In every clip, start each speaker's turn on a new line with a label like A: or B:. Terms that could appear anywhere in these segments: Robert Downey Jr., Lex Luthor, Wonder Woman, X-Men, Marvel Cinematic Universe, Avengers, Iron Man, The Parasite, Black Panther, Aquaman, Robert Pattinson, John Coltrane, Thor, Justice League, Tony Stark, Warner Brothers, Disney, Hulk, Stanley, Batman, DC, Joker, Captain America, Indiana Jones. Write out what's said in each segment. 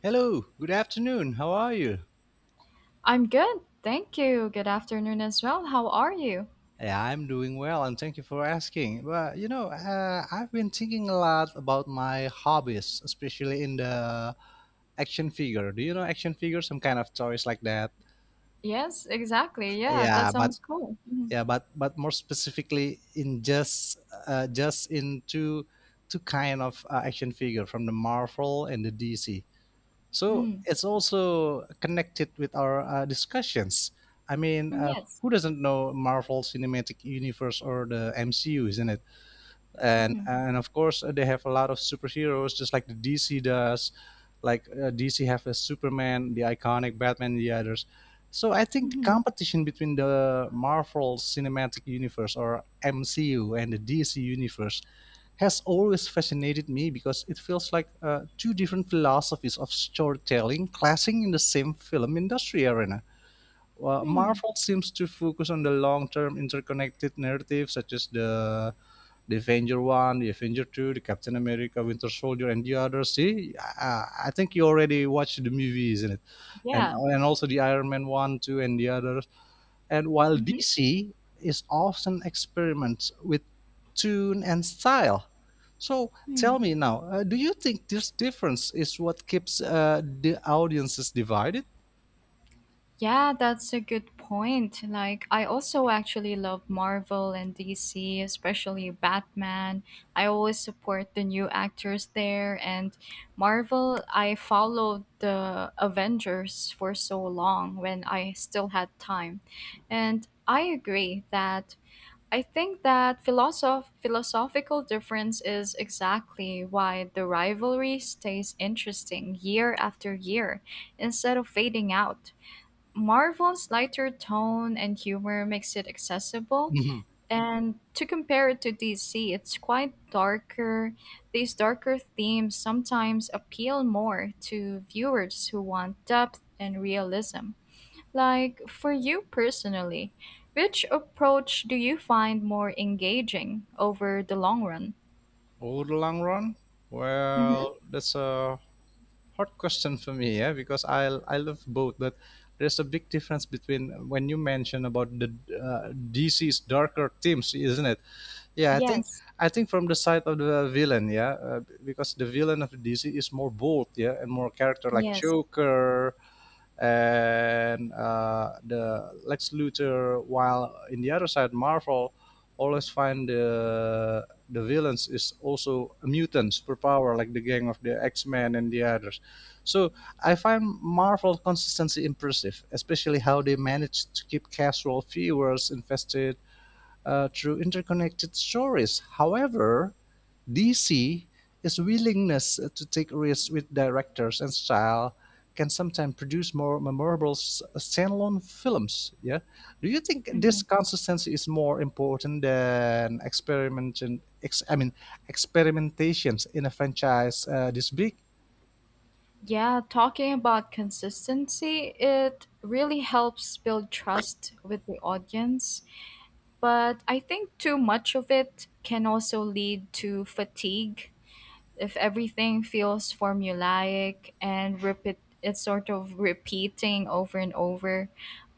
A: Hello, good afternoon. How are you?
B: I'm good. Thank you. Good afternoon as well. How are you?
A: Yeah, I'm doing well and thank you for asking. Well, I've been thinking a lot about my hobbies, especially in the action figure. Do you know action figure? Some kind of toys like that.
B: Yes, exactly. Yeah,
A: Yeah,
B: that
A: but
B: sounds cool.
A: yeah, but more specifically in just in two kind of action figure from the Marvel and the DC. So
B: Mm-hmm.
A: it's also connected with our discussions. I mean,
B: Mm.
A: uh,
B: Yes.
A: who doesn't know Marvel Cinematic Universe or the MCU, isn't it? and
B: Mm-hmm.
A: and of course they have a lot of superheroes just like the dc does, like dc have a superman, the iconic batman, and the others. So I think the
B: Mm-hmm.
A: competition between the marvel cinematic universe or mcu and the dc universe has always fascinated me, because it feels like two different philosophies of storytelling clashing in the same film industry arena. Well,
B: Mm.
A: Marvel seems to focus on the long-term interconnected narrative, such as the Avenger One, the Avenger Two, the Captain America, Winter Soldier, and the others. See, I think you already watched the movie, isn't it? And
B: Yeah.
A: and also the Iron Man One, Two, and the others. And while
B: Mm-hmm.
A: DC is often experiments with tune and style. So tell
B: Mm.
A: me now, do you think this difference is what keeps the audiences divided?
B: Yeah, that's a good point. Like, I also actually love Marvel and DC, especially Batman. I always support the new actors there. And Marvel, I followed the Avengers for so long when I still had time. And I agree that I think that philosophical difference is exactly why the rivalry stays interesting year after year instead of fading out. Marvel's lighter tone and humor makes it accessible,
A: Mhm.
B: and to compare it to DC, it's quite darker. These darker themes sometimes appeal more to viewers who want depth and realism. Like, for you personally, which approach do you find more engaging over the long run?
A: Over the long run?
B: Mm-hmm.
A: Well, that's a hard question for me, yeah, because I love both, but there's a big difference between when you mention about the DC's darker themes, isn't it? Yeah, I think
B: Yes,
A: I think from the side of the villain, yeah, because the villain of DC is more bold, yeah, and more character like
B: yes.
A: Joker and the Lex Luthor, while in the other side, Marvel always find the villains is also mutants superpower like the gang of the X-Men and the others. So I find Marvel consistency impressive, especially how they manage to keep casual viewers invested through interconnected stories. However, DC is willingness to take risks with directors and style can sometimes produce more memorable standalone films. Yeah, do you think this consistency is more important than experimentation? I mean, experimentations in a franchise this big?
B: Yeah, talking about consistency, it really helps build trust with the audience. But I think too much of it can also lead to fatigue if everything feels formulaic and repeat it's sort of repeating over and over.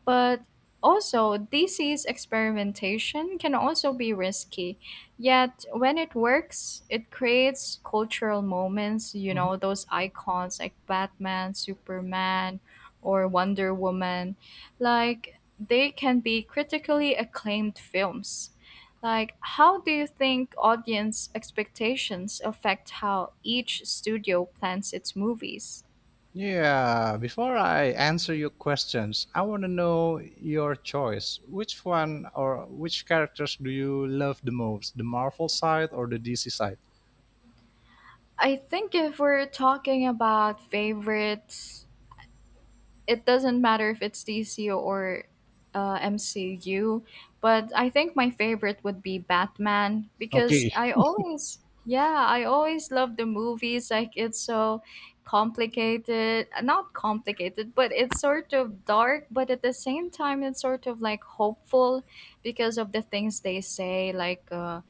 B: But also, DC's experimentation can also be risky. Yet, when it works, it creates cultural moments,
A: Mhm.
B: those icons like Batman, Superman, or Wonder Woman. Like, they can be critically acclaimed films. Like, how do you think audience expectations affect how each studio plans its movies?
A: Yeah, before I answer your questions, I want to know your choice. Which one or which characters do you love the most? The Marvel side or the DC side?
B: I think if we're talking about favorites, it doesn't matter if it's DC or MCU, but I think my favorite would be Batman because
A: Okay.
B: I always, yeah, I always love the movies. Like it's so complicated, not complicated, but it's sort of dark, but at the same time, it's sort of like hopeful because of the things they say, like,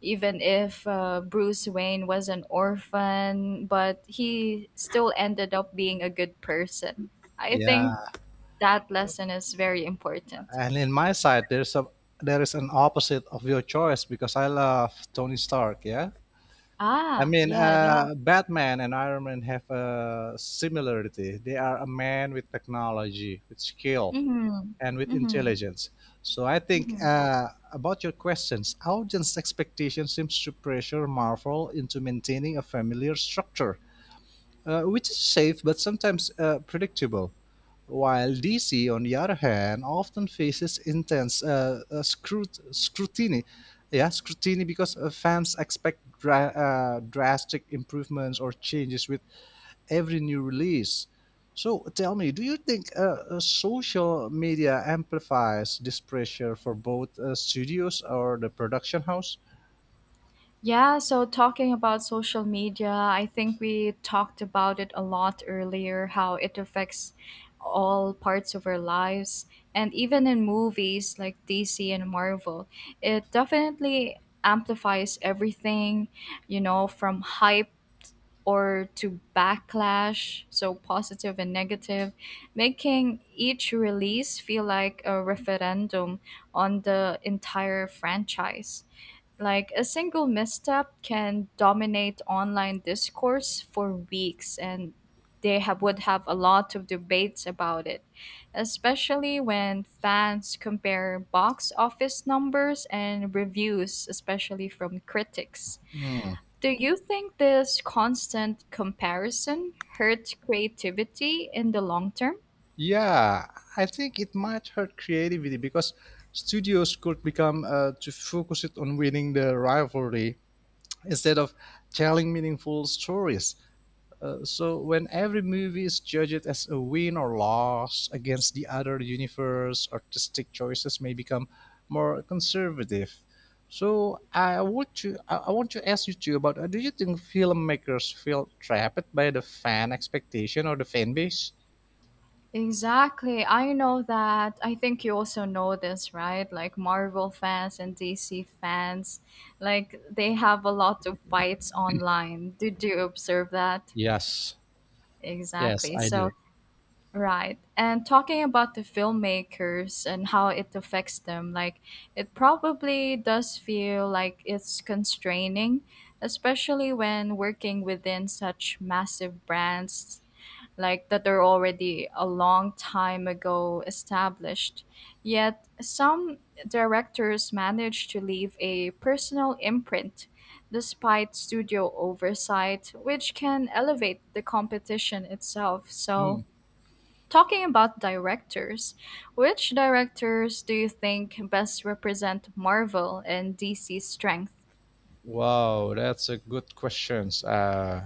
B: even if Bruce Wayne was an orphan, but he still ended up being a good person. I think
A: Yeah,
B: that lesson is very important.
A: and in my side there is an opposite of your choice because I love Tony Stark, yeah? I
B: Ah,
A: mean,
B: yeah, yeah.
A: uh, Batman and Iron Man have a similarity. They are a man with technology, with skill,
B: Mm-hmm.
A: and with
B: Mm-hmm.
A: intelligence. So I think
B: Mm-hmm.
A: about your questions, audience expectation seems to pressure Marvel into maintaining a familiar structure, which is safe but sometimes predictable. While DC, on the other hand, often faces intense scrutiny, yeah, scrutiny because fans expect drastic improvements or changes with every new release. So tell me, do you think social media amplifies this pressure for both studios or the production house?
B: Yeah, so talking about social media, I think we talked about it a lot earlier, how it affects all parts of our lives. And even in movies like DC and Marvel, it definitely amplifies everything, from hype or to backlash, so positive and negative, making each release feel like a referendum on the entire franchise. Like a single misstep can dominate online discourse for weeks and would have a lot of debates about it, especially when fans compare box office numbers and reviews, especially from critics. Do you think this constant comparison hurts creativity in the long term?
A: Yeah, I think it might hurt creativity because studios could become to focus it on winning the rivalry instead of telling meaningful stories. So when every movie is judged as a win or loss against the other universe, artistic choices may become more conservative. So I want to ask you too about do you think filmmakers feel trapped by the fan expectation or the fan base?
B: Exactly. I know that. I think you also know this, right? Like Marvel fans and DC fans, like they have a lot of fights online. Did you observe that?
A: Yes, yes,
B: Exactly.
A: I
B: So
A: do.
B: right. And talking about the filmmakers and how it affects them, like it probably does feel like it's constraining, especially when working within such massive brands like that are already a long time ago established. Yet some directors manage to leave a personal imprint despite studio oversight, which can elevate the competition itself.
A: Hmm.
B: So talking about directors, which directors do you think best represent Marvel and DC's strength?
A: Wow, that's a good question.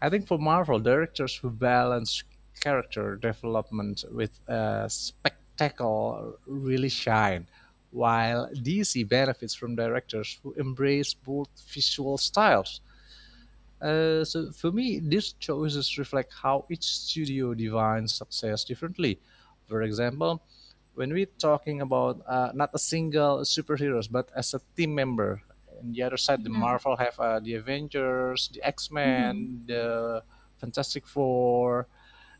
A: I think for Marvel, directors who balance character development with spectacle really shine, while DC benefits from directors who embrace both visual styles. So for me, these choices reflect how each studio defines success differently. For example, when we're talking about not a single superheroes, but as a team member, on the other side, the
B: Mm-hmm.
A: Marvel have the Avengers, the X
B: Mm-hmm.
A: Men, the Fantastic Four,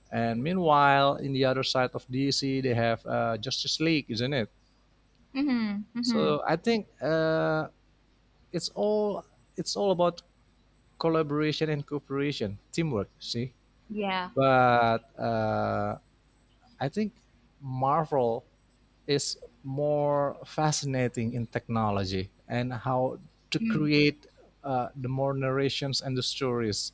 A: and meanwhile, in the other side of DC, they have Justice League, isn't it?
B: Mm-hmm. Mm-hmm.
A: So I think it's all it's all about collaboration and cooperation, teamwork. See,
B: Yeah.
A: but I think Marvel is more fascinating in technology and how to create the more narrations and the stories.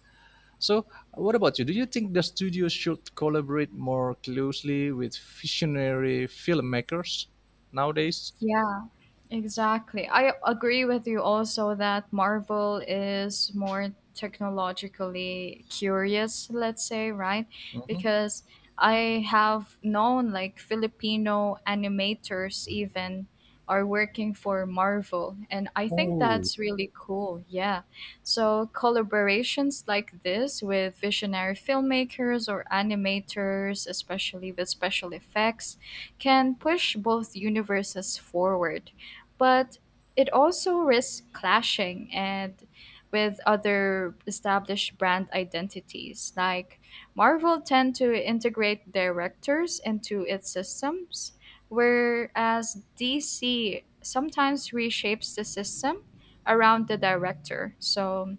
A: So, what about you? Do you think the studio should collaborate more closely with visionary filmmakers nowadays?
B: Yeah, exactly. I agree with you also that Marvel is more technologically curious, let's say, right?
A: Mhm.
B: Because I have known like Filipino animators even are working for Marvel, and I think
A: Oh.
B: that's really cool. Yeah. So collaborations like this with visionary filmmakers or animators, especially with special effects, can push both universes forward, but it also risks clashing and with other established brand identities. Like Marvel tend to integrate directors into its systems, whereas DC sometimes reshapes the system around the director. So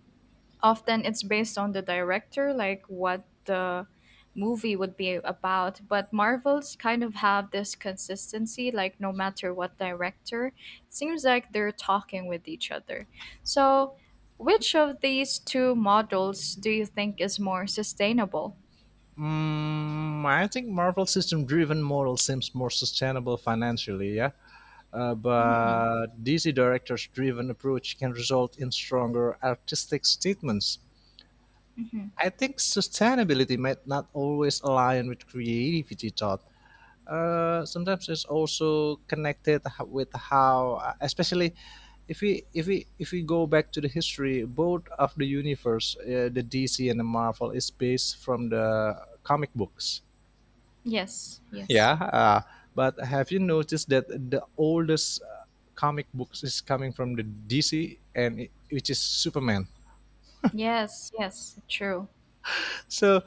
B: often it's based on the director, like what the movie would be about. But Marvels kind of have this consistency, like no matter what director, it seems like they're talking with each other. So, which of these two models do you think is more sustainable?
A: I think Marvel system-driven model seems more sustainable financially, yeah. Uh,
B: Hmm.
A: but DC directors-driven approach can result in stronger artistic statements.
B: Hmm.
A: I think sustainability might not always align with creativity thought. Sometimes it's also connected with how, especially if we go back to the history. Both of the universe, the DC and the Marvel, is based from the comic books,
B: Yes, yes,
A: yeah, but have you noticed that the oldest comic books is coming from the DC, and it, which is Superman?
B: yes, yes, true.
A: So,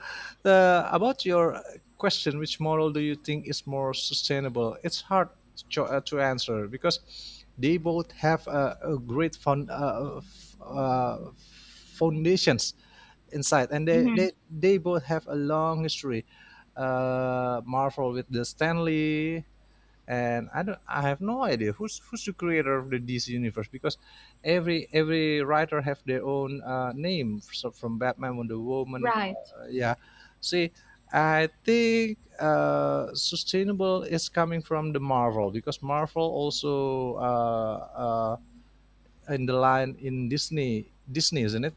A: about your question, which model do you think is more sustainable? It's hard to to answer because they both have a great foundations inside, and they,
B: Hmm.
A: they they both have a long history. Marvel with the Stanley, and I have no idea who's the creator of the DC universe, because every writer have their own name, so from Batman, Wonder Woman,
B: Right,
A: yeah. See, I think sustainable is coming from the Marvel, because Marvel also in the line in Disney, isn't it?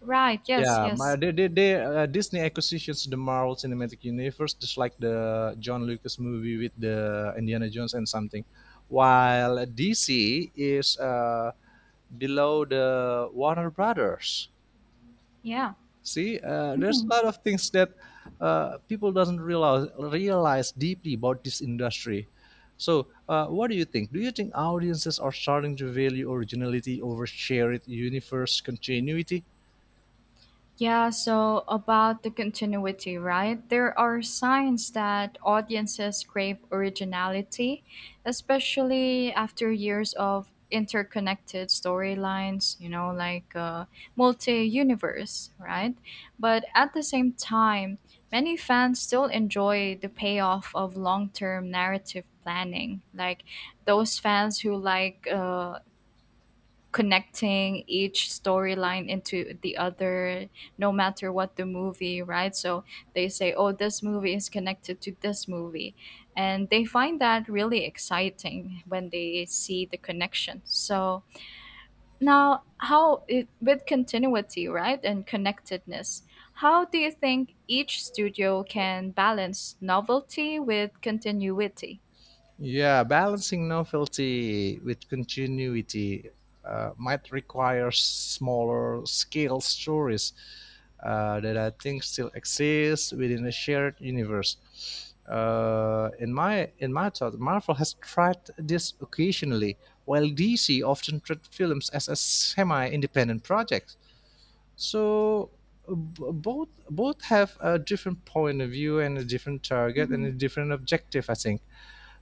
B: right, yes,
A: Yeah, my
B: yes,
A: they, they, they uh, Disney acquisitions the Marvel Cinematic Universe, just like the John Lucas movie with the Indiana Jones and something, while DC is below the Warner Brothers.
B: yeah.
A: See, there's a lot of things that people doesn't realize deeply about this industry. So, what do you think? Do you think audiences are starting to value originality over shared universe continuity?
B: Yeah, so about the continuity, right? There are signs that audiences crave originality, especially after years of interconnected storylines, multi universe, right? But at the same time, many fans still enjoy the payoff of long term narrative planning, like those fans who like connecting each storyline into the other no matter what the movie, right? So they say, oh, this movie is connected to this movie, and they find that really exciting when they see the connection. So now how it, with continuity, right, and connectedness, how do you think each studio can balance novelty with continuity?
A: Yeah, balancing novelty with continuity might require smaller scale stories that I think still exist within a shared universe. In my thought, Marvel has tried this occasionally, while DC often treat films as a semi-independent project. So both have a different point of view and a different target and
B: Hmm.
A: a different objective, I think.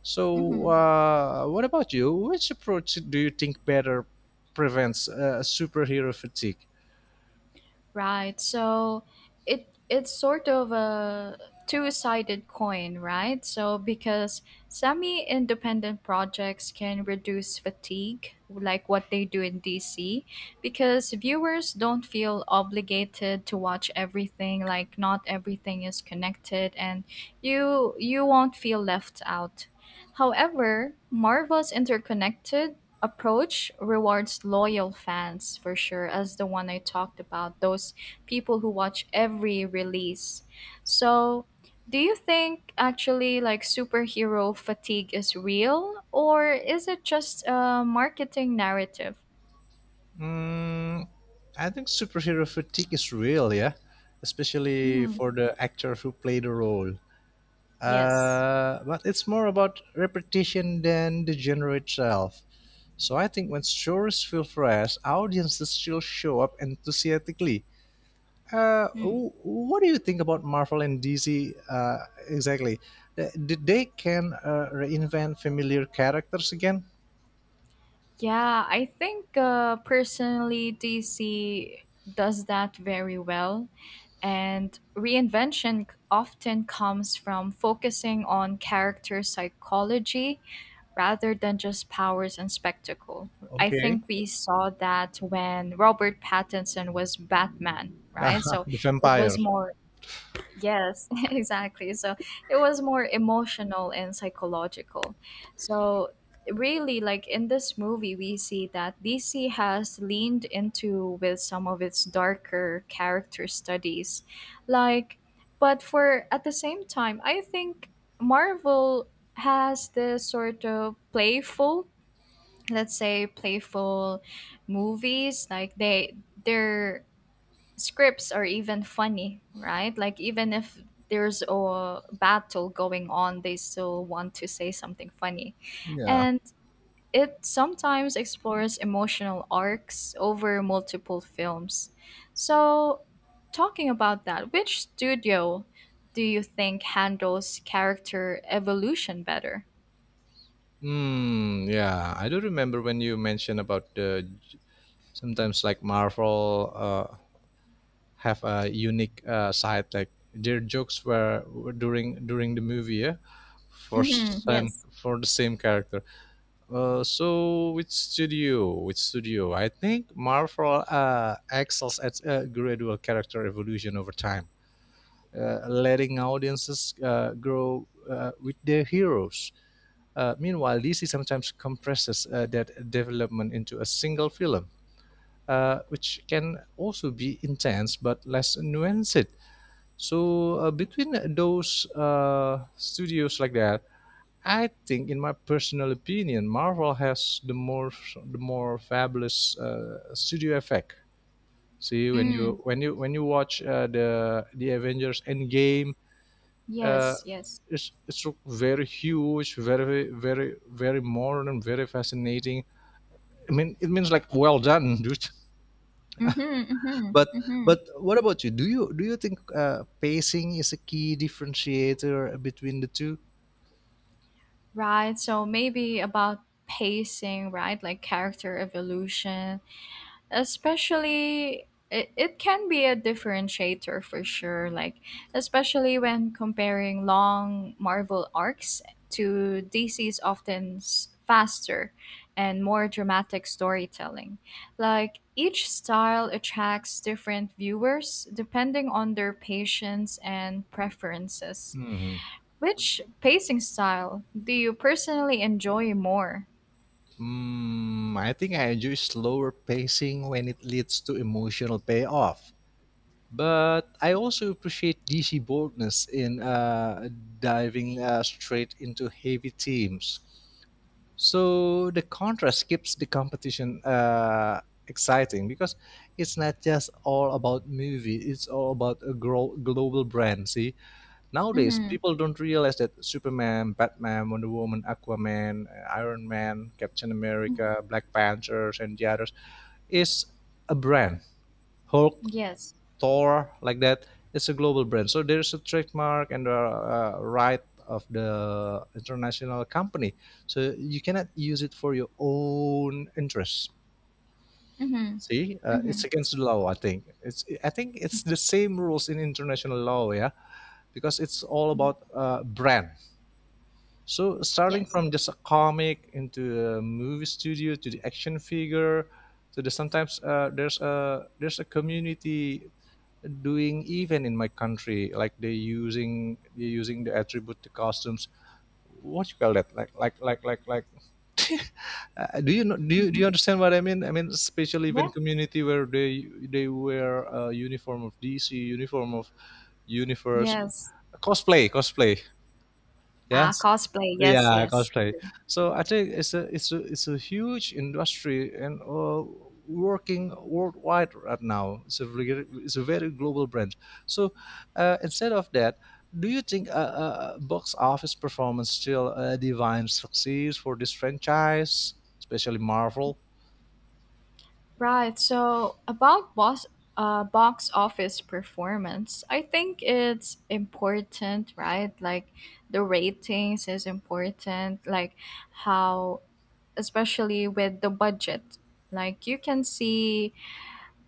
A: So,
B: Hmm.
A: what about you? Which approach do you think better prevents superhero fatigue?
B: Right. So it's sort of a two-sided coin, right? So because semi-independent projects can reduce fatigue, like what they do in DC, because viewers don't feel obligated to watch everything, like not everything is connected and you won't feel left out. However, Marvel's interconnected approach rewards loyal fans for sure, as the one I talked about, those people who watch every release. So, do you think actually like superhero fatigue is real, or is it just a marketing narrative?
A: Mm, I think superhero fatigue is real, yeah, especially
B: Hmm.
A: for the actor who play the role.
B: Yes.
A: But it's more about repetition than the genre itself. So I think when stories feel fresh, audiences still show up enthusiastically. What do you think about Marvel and DC exactly? Did they can reinvent familiar characters again?
B: Yeah, I think personally, DC does that very well. And reinvention often comes from focusing on character psychology rather than just powers and spectacle. I
A: Okay.
B: think we saw that when Robert Pattinson was Batman, right? So
A: The
B: it
A: vampire.
B: was more yes, exactly. So it was more emotional and psychological. So really like in this movie we see that DC has leaned into with some of its darker character studies. Like but for at the same time I think Marvel has this sort of playful, let's say, playful movies like they're scripts are even funny, right? Like even if there's a battle going on, they still want to say something funny.
A: Yeah.
B: And it sometimes explores emotional arcs over multiple films. So, talking about that, which studio do you think handles character evolution better?
A: Hmm. Yeah. I do remember when you mentioned about the sometimes like Marvel have a unique side, like their jokes were during the movie, yeah, for
B: Mm-hmm.
A: some
B: Yes.
A: for the same character. So which studio? I think Marvel excels at a gradual character evolution over time, letting audiences grow with their heroes. Meanwhile, DC sometimes compresses that development into a single film, which can also be intense but less nuanced. So between those studios like that, I think, in my personal opinion, Marvel has the more fabulous studio effect. See, when you
B: Mm,
A: watch the Avengers Endgame, uh,
B: yes, yes.
A: it's very huge, very very very modern, very fascinating. I mean, it means like well done, dude.
B: Mm-hmm, mm-hmm,
A: But
B: mm-hmm.
A: but what about you? Do you think pacing is a key differentiator between the two?
B: Right. So maybe about pacing, right? Like character evolution, especially it can be a differentiator for sure. Like, especially when comparing long Marvel arcs to DC's often faster and more dramatic storytelling. Like, each style attracts different viewers depending on their patience and preferences. Which pacing style do you personally enjoy more?
A: Mm, I think I enjoy slower pacing when it leads to emotional payoff. But I also appreciate DC boldness in diving straight into heavy themes. So the contrast keeps the competition exciting, because it's not just all about movie; it's all about a global brand. See, nowadays
B: Mm-hmm.
A: people don't realize that Superman, Batman, Wonder Woman, Aquaman, Iron Man, Captain America, Black Panthers, and the others is a brand. Hulk,
B: Yes.
A: Thor, like that. It's a global brand, so there's a trademark and the right of the international company. So you cannot use it for your own interests.
B: Mm-hmm.
A: See,
B: Mm-hmm.
A: it's against the law. I think it's the same rules in international law, yeah, because it's all
B: Hmm.
A: about brand. So starting
B: Yes.
A: from just a comic into a movie studio to the action figure, to the sometimes there's a community doing even in my country like they using the attribute the costumes what you call that like do you know do
B: Mm-hmm.
A: you understand what I mean, I mean especially even
B: Yeah.
A: community where they wear a uniform of DC, uniform of universe.
B: Yes.
A: Cosplay, cosplay,
B: Ah,
A: yes,
B: cosplay. Yes,
A: yeah,
B: yes.
A: cosplay. So I think it's a huge industry and working worldwide right now. It's a very global brand. So instead of that, do you think a box office performance still defines success for this franchise, especially Marvel?
B: Right. So about box office performance, I think it's important, right? Like the ratings is important. Like how, especially with the budget, like you can see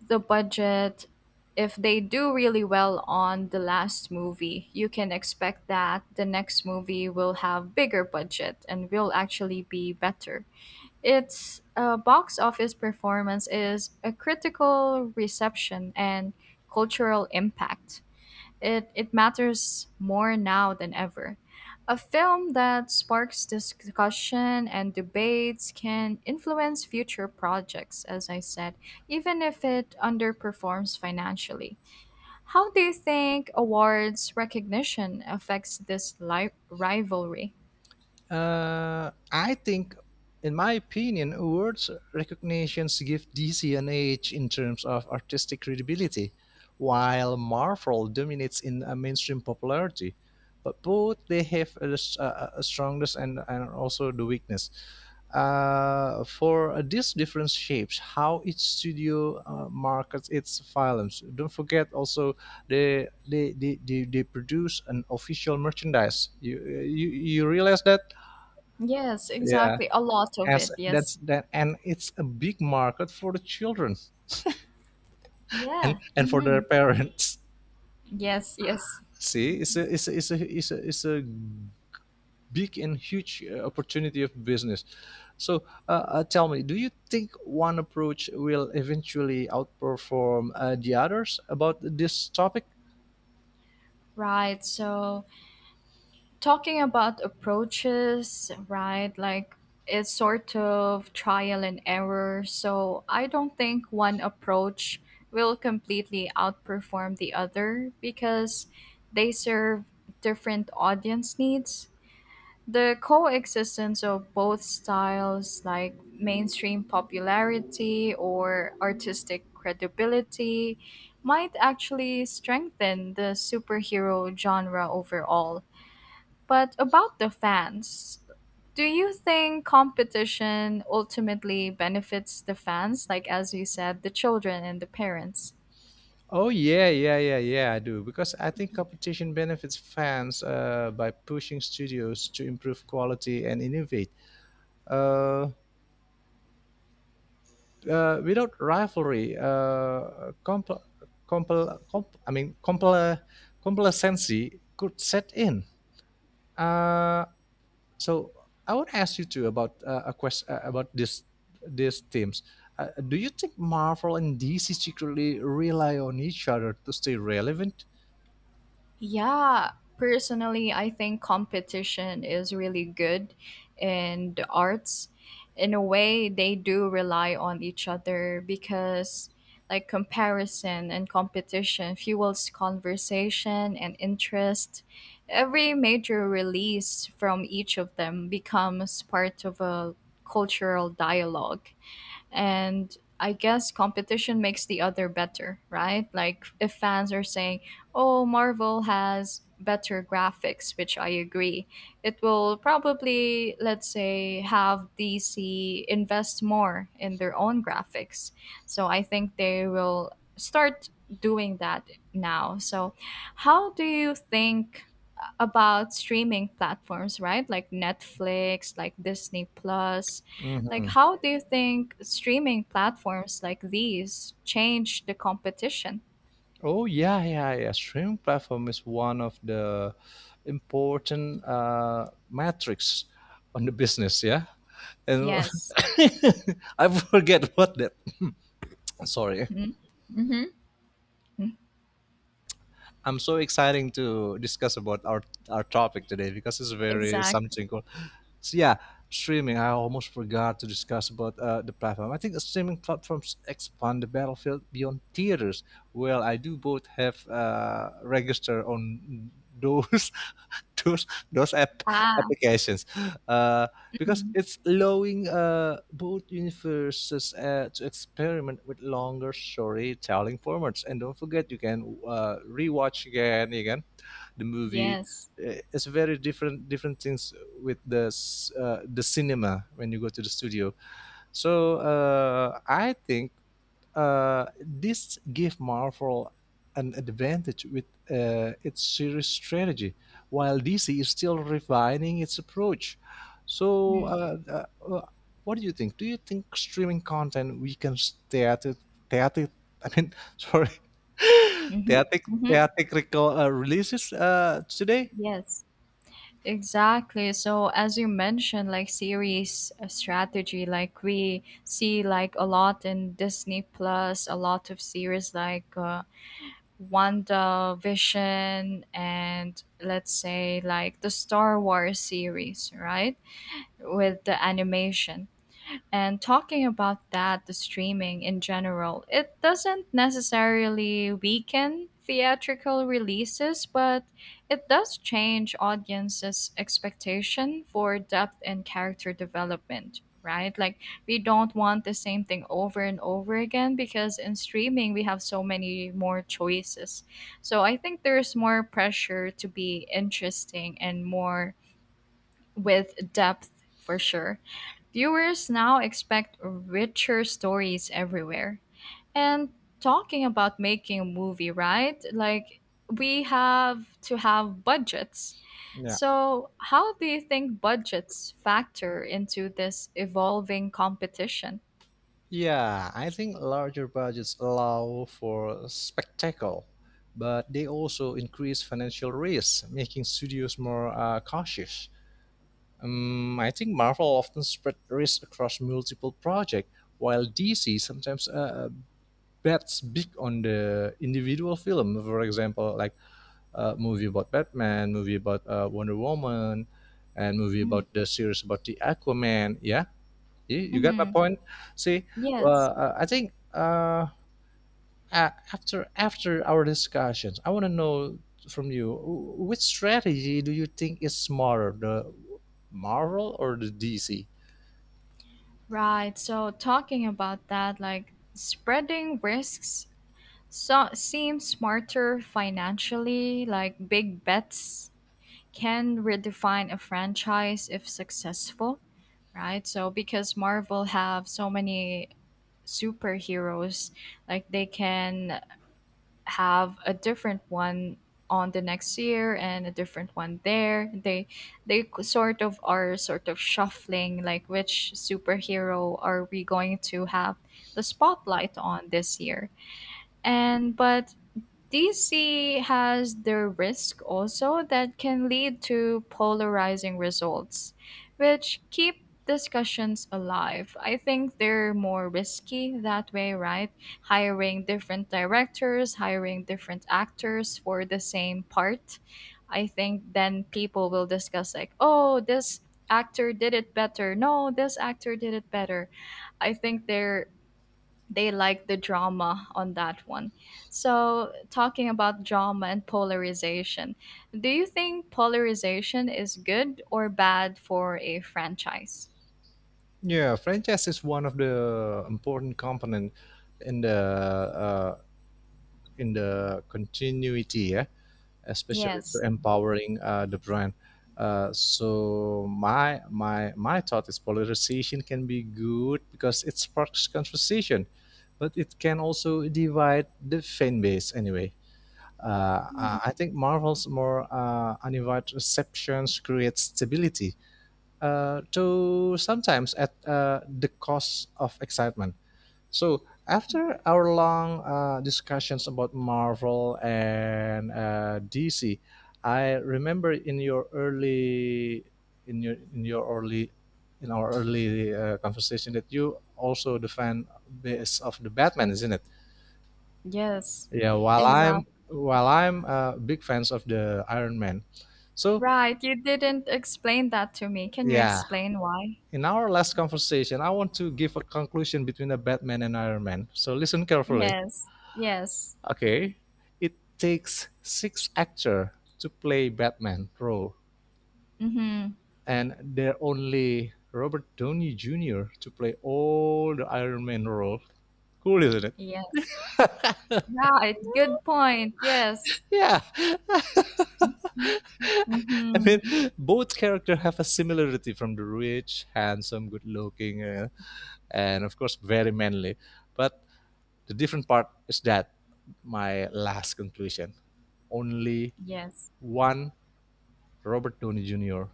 B: the budget, if they do really well on the last movie you can expect that the next movie will have bigger budget and will actually be better. Its box office performance is a critical reception and cultural impact, it matters more now than ever. A film that sparks discussion and debates can influence future projects, as I said, even if it underperforms financially. How do you think awards recognition affects this rivalry?
A: I think, in my opinion, awards recognitions give DC an edge in terms of artistic credibility, while Marvel dominates in mainstream popularity. But both they have a strongest and also the weakness. For these different shapes, how each studio markets its films. Don't forget also they produce an official merchandise. You, you you realize that?
B: Yes,
A: Yeah,
B: exactly. A lot of
A: as
B: it,
A: that's
B: yes.
A: that, and it's a big market for the children and
B: Yeah.
A: for
B: Hmm.
A: their parents.
B: Yes, yes.
A: See, it's a it's a big and huge opportunity of business. So, tell me, do you think one approach will eventually outperform the others about this topic?
B: Right. So talking about approaches, right? Like it's sort of trial and error. So I don't think one approach will completely outperform the other because they serve different audience needs. The coexistence of both styles, like mainstream popularity or artistic credibility, might actually strengthen the superhero genre overall. But about the fans, do you think competition ultimately benefits the fans, like as you said, the children and the parents?
A: Oh yeah, yeah, yeah, yeah, I do because I think competition benefits fans by pushing studios to improve quality and innovate. Uh, Without rivalry, compl- comp- I mean compl- complacency could set in. Uh, so I would ask you too about a question about this these teams. Do you think Marvel and DC secretly rely on each other to stay relevant?
B: Yeah, personally, I think competition is really good in the arts. In a way, they do rely on each other because, like, comparison and competition fuels conversation and interest. Every major release from each of them becomes part of a cultural dialogue, and I guess competition makes the other better, right? Like if fans are saying, "Oh, Marvel has better graphics," which I agree, it will probably, let's say, have DC invest more in their own graphics. So I think they will start doing that now. So how do you think about streaming platforms, right? Like Netflix, like Disney Plus, like,
A: Mhm.
B: how do you think streaming platforms like these change the competition?
A: Oh yeah, yeah, yeah. Streaming platform is one of the important metrics on the business. Yeah, and
B: Yes.
A: I forget what that. Sorry.
B: Mm-hmm. Mm.
A: I'm so exciting to discuss about our topic today because it's very
B: Exactly.
A: something called, so yeah, streaming. I almost forgot to discuss about the platform. I think the streaming platforms expand the battlefield beyond theaters. Well, I do both have register on those those those app
B: Ah.
A: applications uh, because
B: Mhm.
A: it's allowing both universes to experiment with longer storytelling formats. And don't forget, you can rewatch again, again, the movie.
B: Yes.
A: It's very different things with the the cinema when you go to the studio. So I think uh, this gave Marvel an advantage with its series strategy while DC is still refining its approach. So, uh, what do you think? Do you think streaming content weakens theater, I mean, sorry,
B: Mm-hmm. Hmm.
A: theatrical releases today?
B: Yes. Exactly. So as you mentioned, like series strategy, like we see like a lot in Disney Plus, a lot of series like Wanda Vision and let's say like the Star Wars series, right? With the animation. And talking about that, the streaming in general, it doesn't necessarily weaken theatrical releases, but it does change audiences' expectation for depth and character development, right? Like, we don't want the same thing over and over again because in streaming, we have so many more choices. So I think there's more pressure to be interesting and more with depth for sure. Viewers now expect richer stories everywhere. And talking about making a movie, right? Like we have to have budgets.
A: Yeah.
B: So, how do you think budgets factor into this evolving competition?
A: Yeah, I think larger budgets allow for spectacle, but they also increase financial risks, making studios more cautious. I think Marvel often spread risk across multiple projects, while DC sometimes bets big on the individual film. For example, like a movie about Batman, movie about Wonder Woman, and movie about the series about the Aquaman. Yeah, you got my
B: Mm-hmm.
A: point. See,
B: Yes,
A: I think after our discussions, I want to know from you which strategy do you think is smarter, the Marvel or the DC?
B: right. So talking about that, like spreading risks so seems smarter financially, like big bets can redefine a franchise if successful, right? So because Marvel have so many superheroes, like they can have a different one on the next year and a different one there. They they sort of are sort of shuffling, like which superhero are we going to have the spotlight on this year. And but DC has the risk also that can lead to polarizing results, which keep discussions alive. I think they're more risky that way, right? Hiring different directors, hiring different actors for the same part. I think then people will discuss, like, oh, this actor did it better. No, this actor did it better. I think they like the drama on that one. So, talking about drama and polarization, do you think polarization is good or bad for a franchise?
A: Yeah, franchise is one of the important component in the uh, in the continuity, yeah, especially to
B: Yes,
A: empowering the brand. So my thought is polarization can be good because it sparks conversation, but it can also divide the fan base anyway. I think Marvel's more uninvited receptions creates stability to sometimes at the cost of excitement. So after our long discussions about Marvel and DC, I remember in your early in your in your early in our early conversation that you also the fan base of the Batman, isn't it?
B: yes,
A: Yeah.
B: exactly.
A: While I'm big fans of the Iron Man, so
B: Right, you didn't explain that to me. Can you
A: yeah,
B: explain why?
A: in our last conversation, I want to give a conclusion between the Batman and Iron Man. So listen carefully.
B: Yes, yes,
A: Okay. It takes 6 actors to play Batman role,
B: mm-hmm.
A: and there are only Robert Downey Jr. to play all the Iron Man role. Cool, isn't it?
B: Yes. Right, good point. Yes,
A: Yeah. I mean,
B: mm-hmm.
A: both characters have a similarity from the rich, handsome, good-looking, and of course very manly. But the different part is that my last conclusion only
B: Yes,
A: one Robert Downey Jr.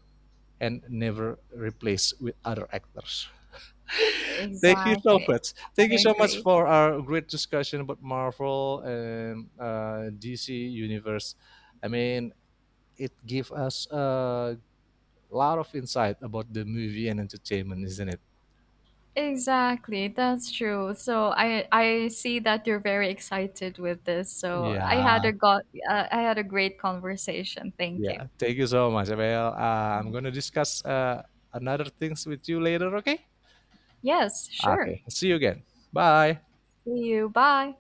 A: and never replaced with other actors. Thank you so
B: exactly.
A: much. Thank
B: I
A: you so much
B: agree.
A: for our great discussion about Marvel and DC Universe. I mean, it gave us a lot of insight about the movie and entertainment, isn't it?
B: Exactly, that's true. So I see that you're very excited with this. So
A: Yeah,
B: I had a great conversation. Thank you.
A: yeah. Thank you so much, well, I'm gonna discuss another things with you later. Okay.
B: Yes, sure.
A: Okay. See you again. Bye.
B: See you. Bye.